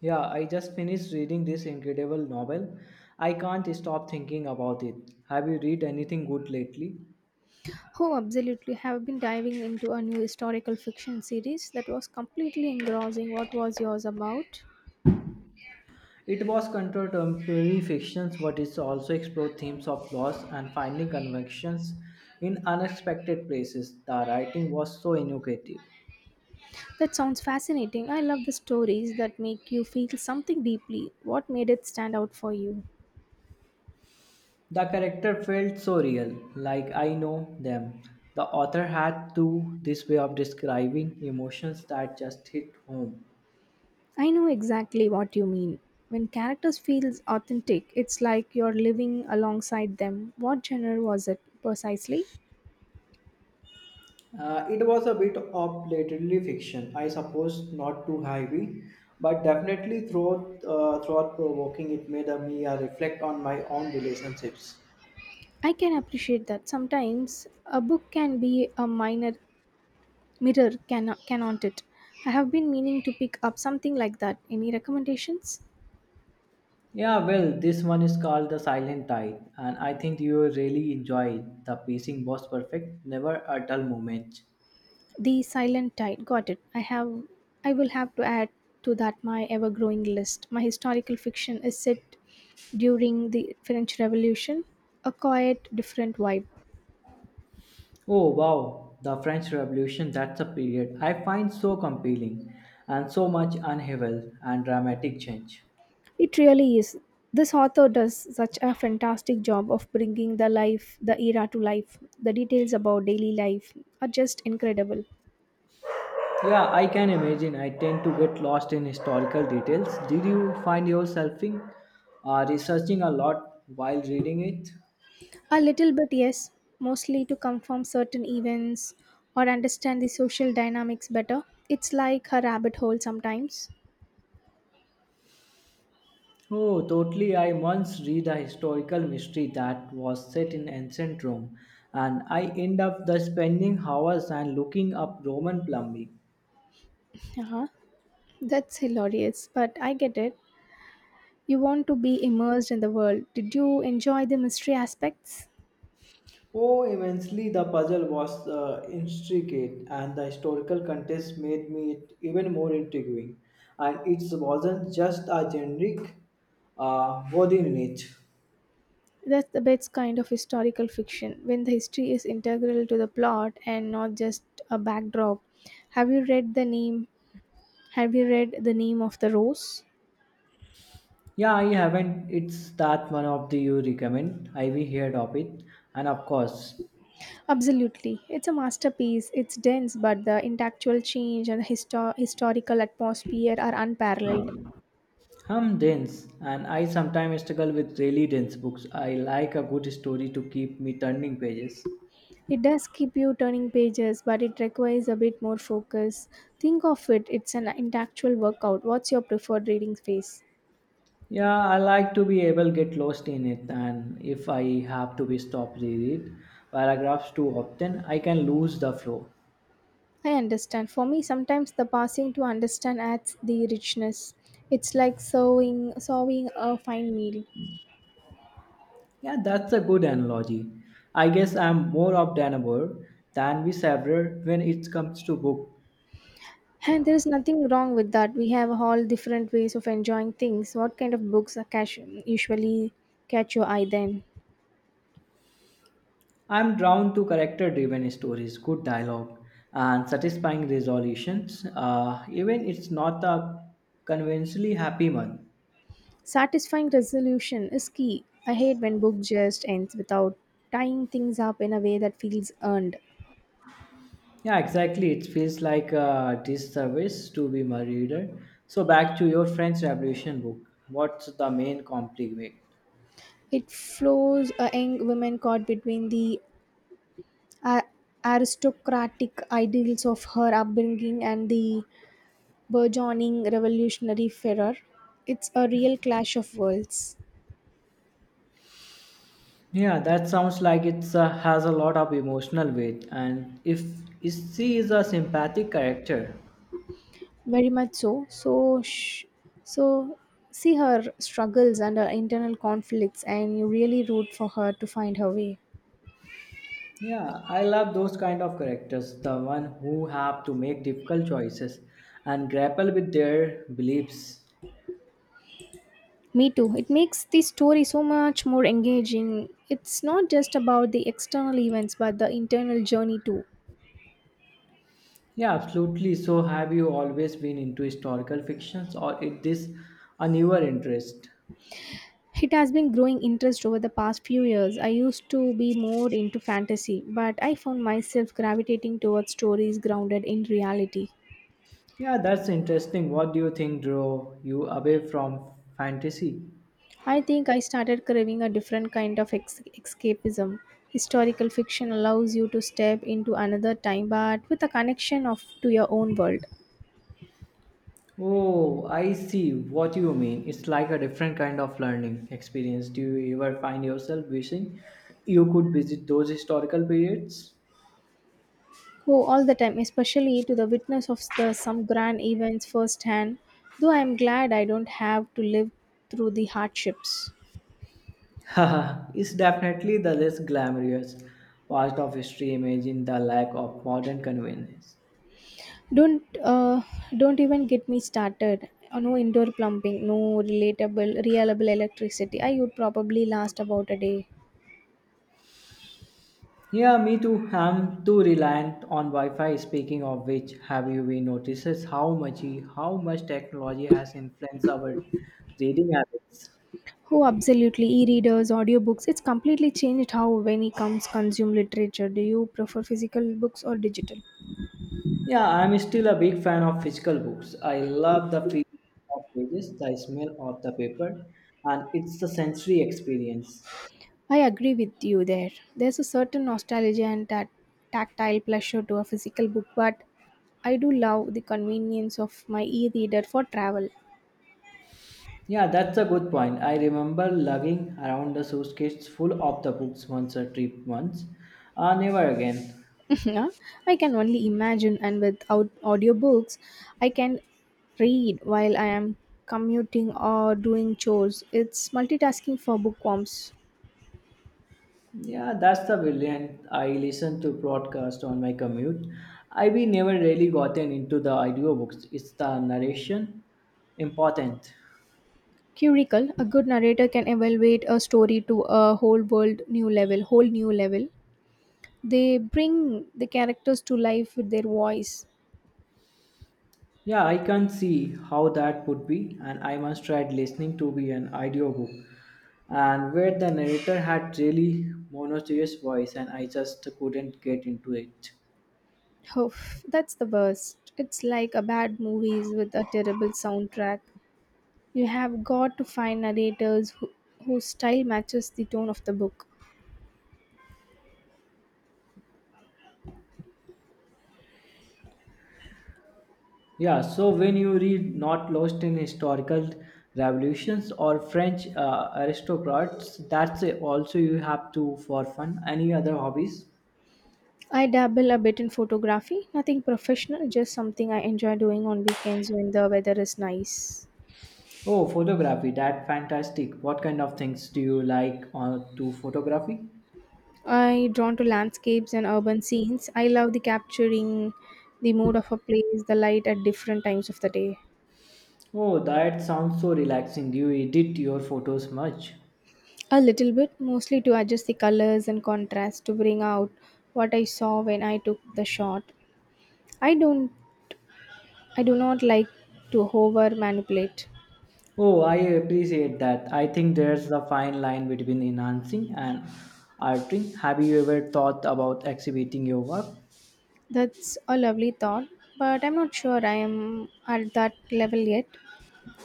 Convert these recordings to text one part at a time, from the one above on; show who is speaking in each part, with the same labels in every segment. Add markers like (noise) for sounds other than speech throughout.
Speaker 1: Yeah, I just finished reading this incredible novel. I can't stop thinking about it. Have you read anything good lately?
Speaker 2: Oh, absolutely. Have been diving into a new historical fiction series that was completely engrossing. What was yours about?
Speaker 1: It was contemporary fictions, but it also explored themes of loss and finding convictions in unexpected places. The writing was so innovative.
Speaker 2: That sounds fascinating. I love the stories that make you feel something deeply. What made it stand out for you?
Speaker 1: The character felt so real, like I know them. The author had to this way of describing emotions that just hit home.
Speaker 2: I know exactly what you mean. When characters feel authentic, it's like you're living alongside them. What genre was it precisely?
Speaker 1: It was a bit of blatantly fiction, I suppose, not too heavy, but definitely throughout, throughout provoking. It made me reflect on my own relationships.
Speaker 2: I can appreciate that sometimes a book can be a minor Mirror, can, cannot it? I have been meaning to pick up something like that. Any recommendations?
Speaker 1: Yeah, well, this one is called The Silent Tide, and I think you will really enjoy it. The pacing was perfect, never a dull moment.
Speaker 2: The Silent Tide. Got it. I have. I will have to add to that my ever-growing list. My historical fiction is set during the French Revolution. A quiet, different vibe.
Speaker 1: Oh, wow, the French Revolution, that's a period I find so compelling, and so much upheaval and dramatic change.
Speaker 2: It really is. This author does such a fantastic job of bringing the life, the era to life. The details about daily life are just incredible.
Speaker 1: Yeah, I can imagine. I tend to get lost in historical details. Did you find yourself in, researching a lot while reading it?
Speaker 2: A little bit, yes, mostly to confirm certain events or understand the social dynamics better. It's like a rabbit hole sometimes.
Speaker 1: Oh, totally. I once read a historical mystery that was set in ancient Rome, and I end up the spending hours and looking up Roman plumbing.
Speaker 2: Uh-huh. That's hilarious, but I get it. You want to be immersed in the world. Did you enjoy the mystery aspects?
Speaker 1: Oh, immensely, the puzzle was intricate, and the historical context made me it even more intriguing. And it wasn't just a generic body unit.
Speaker 2: That's the best kind of historical fiction, when the history is integral to the plot and not just a backdrop. Have you read the name? Have you read The Name of the Rose?
Speaker 1: Yeah, I haven't. It's that one of the you recommend. I we heard of it, and of course,
Speaker 2: Absolutely. It's a masterpiece. It's dense, but the intellectual change and the historical atmosphere are unparalleled.
Speaker 1: I'm dense, and I sometimes struggle with really dense books. I like a good story to keep me turning pages.
Speaker 2: It does keep you turning pages, but it requires a bit more focus. Think of it, it's an intellectual workout. What's your preferred reading phase?
Speaker 1: Yeah, I like to be able get lost in it, and if I have to be stopped read it paragraphs too often, I can lose the flow.
Speaker 2: I understand. For me, sometimes the passing to understand adds the richness. It's like sowing a fine meal.
Speaker 1: Yeah, that's a good analogy. I guess I'm more of Danaber than we several when it comes to book.
Speaker 2: And there is nothing wrong with that. We have all different ways of enjoying things. What kind of books are catch, usually catch your eye then?
Speaker 1: I'm drawn to character-driven stories, good dialogue, and satisfying resolutions. Even it's not a conventionally happy one.
Speaker 2: Satisfying resolution is key. I hate when book just ends without tying things up in a way that feels earned.
Speaker 1: Yeah, exactly. It feels like a disservice to be my reader. So back to your French Revolution book. What's the main conflict?
Speaker 2: It flows a young woman caught between the uh, aristocratic ideals of her upbringing and the burgeoning revolutionary fervor. It's a real clash of worlds.
Speaker 1: Yeah, that sounds like it has a lot of emotional weight, and if she is a sympathetic character,
Speaker 2: Very much so, see her struggles and her internal conflicts, and you really root for her to find her way.
Speaker 1: yeah, I love those kind of characters, the one who have to make difficult choices and grapple with their beliefs.
Speaker 2: Me too. It makes the story so much more engaging. It's not just about the external events, but the internal journey too.
Speaker 1: Yeah, absolutely. So, have you always been into historical fictions, or is this a newer interest?
Speaker 2: It has been growing interest over the past few years. I used to be more into fantasy, but I found myself gravitating towards stories grounded in reality.
Speaker 1: Yeah, that's interesting. What do you think drew you away from fantasy?
Speaker 2: I think I started craving a different kind of escapism. Historical fiction allows you to step into another time but with a connection of to your own world.
Speaker 1: Oh, I see what you mean. It's like a different kind of learning experience. Do you ever find yourself wishing you could visit those historical periods?
Speaker 2: Oh, all the time, especially to the witness of the some grand events firsthand, though I am glad I don't have to live through the hardships.
Speaker 1: Haha, it's definitely the less glamorous part of history. Imagine the lack of modern convenience.
Speaker 2: Don't uh, don't even get me started. No indoor plumbing, no relatable, reliable electricity. I would probably last about a day.
Speaker 1: Yeah, me too. I'm too reliant on Wi-Fi. Speaking of which, have you been notices how much technology has influenced our reading habits?
Speaker 2: Oh, absolutely. E-readers, audiobooks, it's completely changed how when it comes consume literature. Do you prefer physical books or digital?
Speaker 1: Yeah, I'm still a big fan of physical books. I love the feel of pages, the smell of the paper, and it's the sensory experience.
Speaker 2: I agree with you there. There's a certain nostalgia and that tactile pleasure to a physical book, but I do love the convenience of my e-reader for travel.
Speaker 1: Yeah, that's a good point. I remember lugging around the suitcase full of the books once a trip once. Never again.
Speaker 2: (laughs) Yeah, I can only imagine, and without audiobooks, I can read while I am commuting or doing chores. It's multitasking for bookworms.
Speaker 1: Yeah, that's the brilliant. I listen to broadcast on my commute. I've been never really gotten into the audiobooks. It's the narration important.
Speaker 2: Curical, a good narrator can elevate a story to a whole new level. They bring the characters to life with their voice.
Speaker 1: Yeah, I can see how that would be, and I once tried listening to be an audiobook, and where the narrator had really monotonous voice, and I just couldn't get into it.
Speaker 2: Oh, that's the worst. It's like a bad movies with a terrible soundtrack. You have got to find narrators who, whose style matches the tone of the book.
Speaker 1: Yeah, so when you read Not Lost in Historical Revolutions or French Aristocrats, that's it. Also, you have to for fun. Any other hobbies?
Speaker 2: I dabble a bit in photography, nothing professional, just something I enjoy doing on weekends when the weather is nice.
Speaker 1: Oh, photography. That fantastic. What kind of things do you like to photography?
Speaker 2: I drawn to landscapes and urban scenes. I love the capturing the mood of a place, the light at different times of the day.
Speaker 1: Oh, that sounds so relaxing. Do you edit your photos much?
Speaker 2: A little bit, mostly to adjust the colors and contrast to bring out what I saw when I took the shot. I don't I do not like to over manipulate.
Speaker 1: Oh, I appreciate that. I think there's a fine line between enhancing and altering. Have you ever thought about exhibiting your work?
Speaker 2: That's a lovely thought, but I'm not sure I am at that level yet.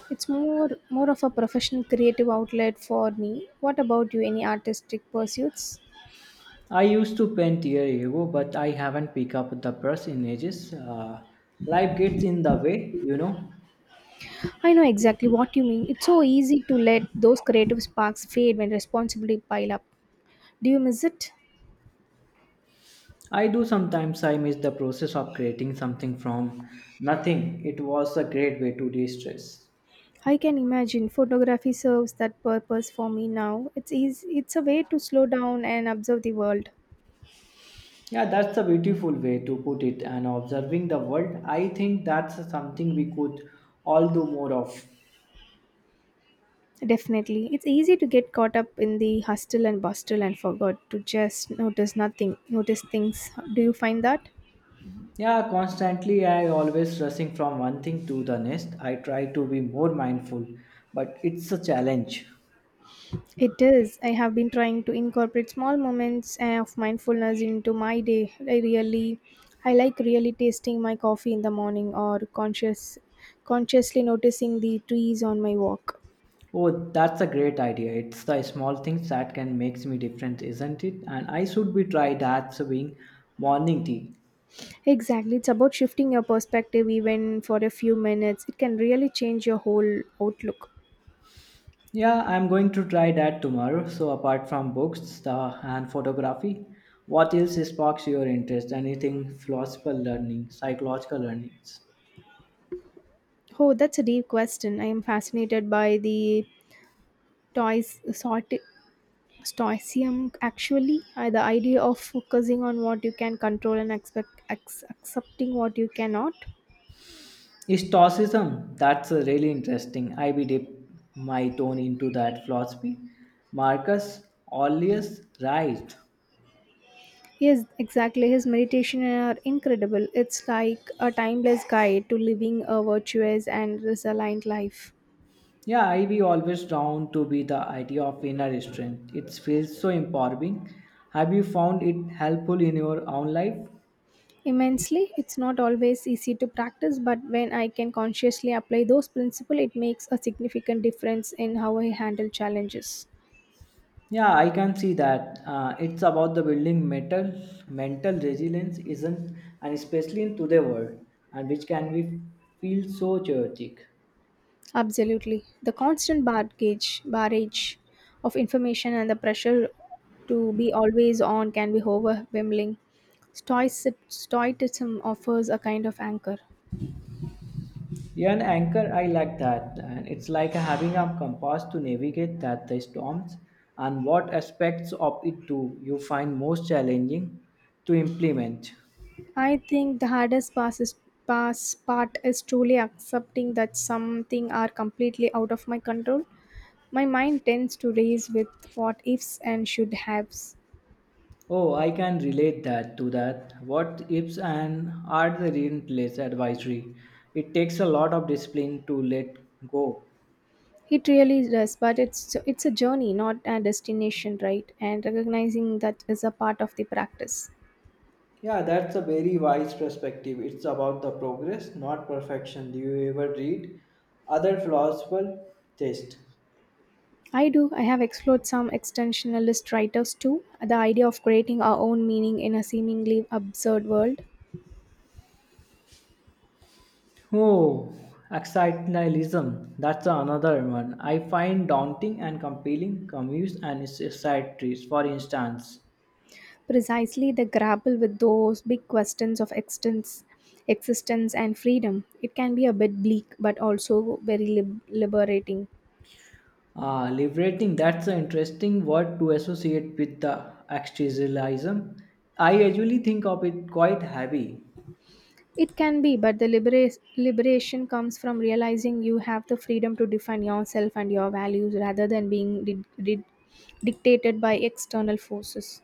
Speaker 2: It's more of a professional creative outlet for me. What about you? Any artistic pursuits?
Speaker 1: I used to paint years ago, but I haven't picked up the brush in ages. Life gets in the way, you know.
Speaker 2: I know exactly what you mean. It's so easy to let those creative sparks fade when responsibility pile up. Do you miss it?
Speaker 1: I do sometimes I miss the process of creating something from nothing. It was a great way to de-stress.
Speaker 2: I can imagine photography serves that purpose for me now. It's easy, it's a way to slow down and observe the world.
Speaker 1: Yeah, that's a beautiful way to put it and observing the world. I think that's something we could all do more of.
Speaker 2: Definitely. It's easy to get caught up in the hustle and bustle and forgot to just notice nothing, notice things. Do you find that?
Speaker 1: Yeah, constantly I always rushing from one thing to the next. I try to be more mindful, but it's a challenge.
Speaker 2: It is. I have been trying to incorporate small moments of mindfulness into my day. I like really tasting my coffee in the morning, or consciously noticing the trees on my walk.
Speaker 1: Oh, that's a great idea. It's the small things that can makes me different, isn't it? And I should be try that serving morning tea.
Speaker 2: Exactly. It's about shifting your perspective even for a few minutes. It can really change your whole outlook.
Speaker 1: Yeah, I'm going to try that tomorrow. So apart from books, the and photography, what else sparks your interest? Anything philosophical learning, psychological learnings?
Speaker 2: Oh, that's a deep question. I am fascinated by the toys sort stoicism actually, the idea of focusing on what you can control and accepting what you cannot.
Speaker 1: Stoicism, that's really interesting. I be dip my tone into that philosophy. Marcus Aurelius, right?
Speaker 2: Yes, exactly. His meditation are incredible. It's like a timeless guide to living a virtuous and resilient life.
Speaker 1: Yeah, I be always down to be the idea of inner strength. It feels so empowering. Have you found it helpful in your own life?
Speaker 2: Immensely. It's not always easy to practice, but when I can consciously apply those principles, it makes a significant difference in how I handle challenges.
Speaker 1: Yeah, I can see that. It's about the building mental resilience, isn't? And especially in today's world, and which can be feel so chaotic.
Speaker 2: Absolutely. The constant barrage of information and the pressure to be always on can be overwhelming. Stoicism offers a kind of anchor.
Speaker 1: Yeah, an anchor. I like that, and it's like having a compass to navigate that the storms. And what aspects of it do you find most challenging to implement?
Speaker 2: I think the hardest pass is, pass part is truly accepting that something are completely out of my control. My mind tends to race with what ifs and should haves.
Speaker 1: Oh, I can relate that to that. What ifs and are the relentless advisory. It takes a lot of discipline to let go.
Speaker 2: It really does, but it's so, it's a journey, not a destination, right? And recognizing that is a part of the practice.
Speaker 1: Yeah, that's a very wise perspective. It's about the progress, not perfection. Do you ever read other philosophical text?
Speaker 2: I do. I have explored some extensionalist writers too. The idea of creating our own meaning in a seemingly absurd world.
Speaker 1: Oh, existentialism. That's another one. I find daunting and compelling Camus and his satires, for instance.
Speaker 2: Precisely, the grapple with those big questions of existence and freedom. It can be a bit bleak, but also very liberating.
Speaker 1: Ah, liberating, that's an interesting word to associate with the existentialism. I usually think of it quite heavy.
Speaker 2: It can be, but the liberation comes from realizing you have the freedom to define yourself and your values rather than being dictated by external forces.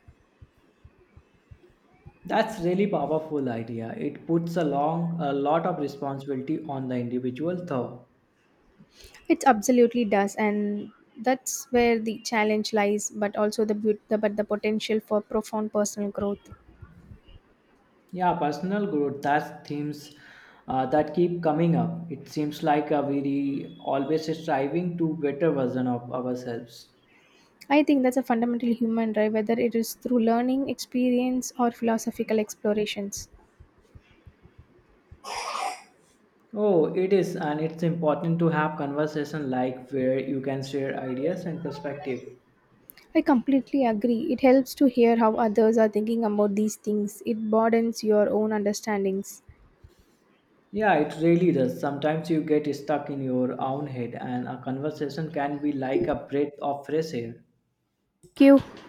Speaker 1: That's really powerful idea. It puts a long a lot of responsibility on the individual though.
Speaker 2: It absolutely does, and that's where the challenge lies, but also the, beaut- the but the potential for profound personal growth.
Speaker 1: Yeah, personal growth, that's themes that keep coming up. It seems like we always striving to better version of ourselves.
Speaker 2: I think that's a fundamental human drive, whether it is through learning, experience, or philosophical explorations.
Speaker 1: Oh, it is, and it's important to have conversation like where you can share ideas and perspective.
Speaker 2: I completely agree. It helps to hear how others are thinking about these things. It broadens your own understandings.
Speaker 1: Yeah, it really does. Sometimes you get stuck in your own head, and a conversation can be like a breath of fresh air.
Speaker 2: Thank you.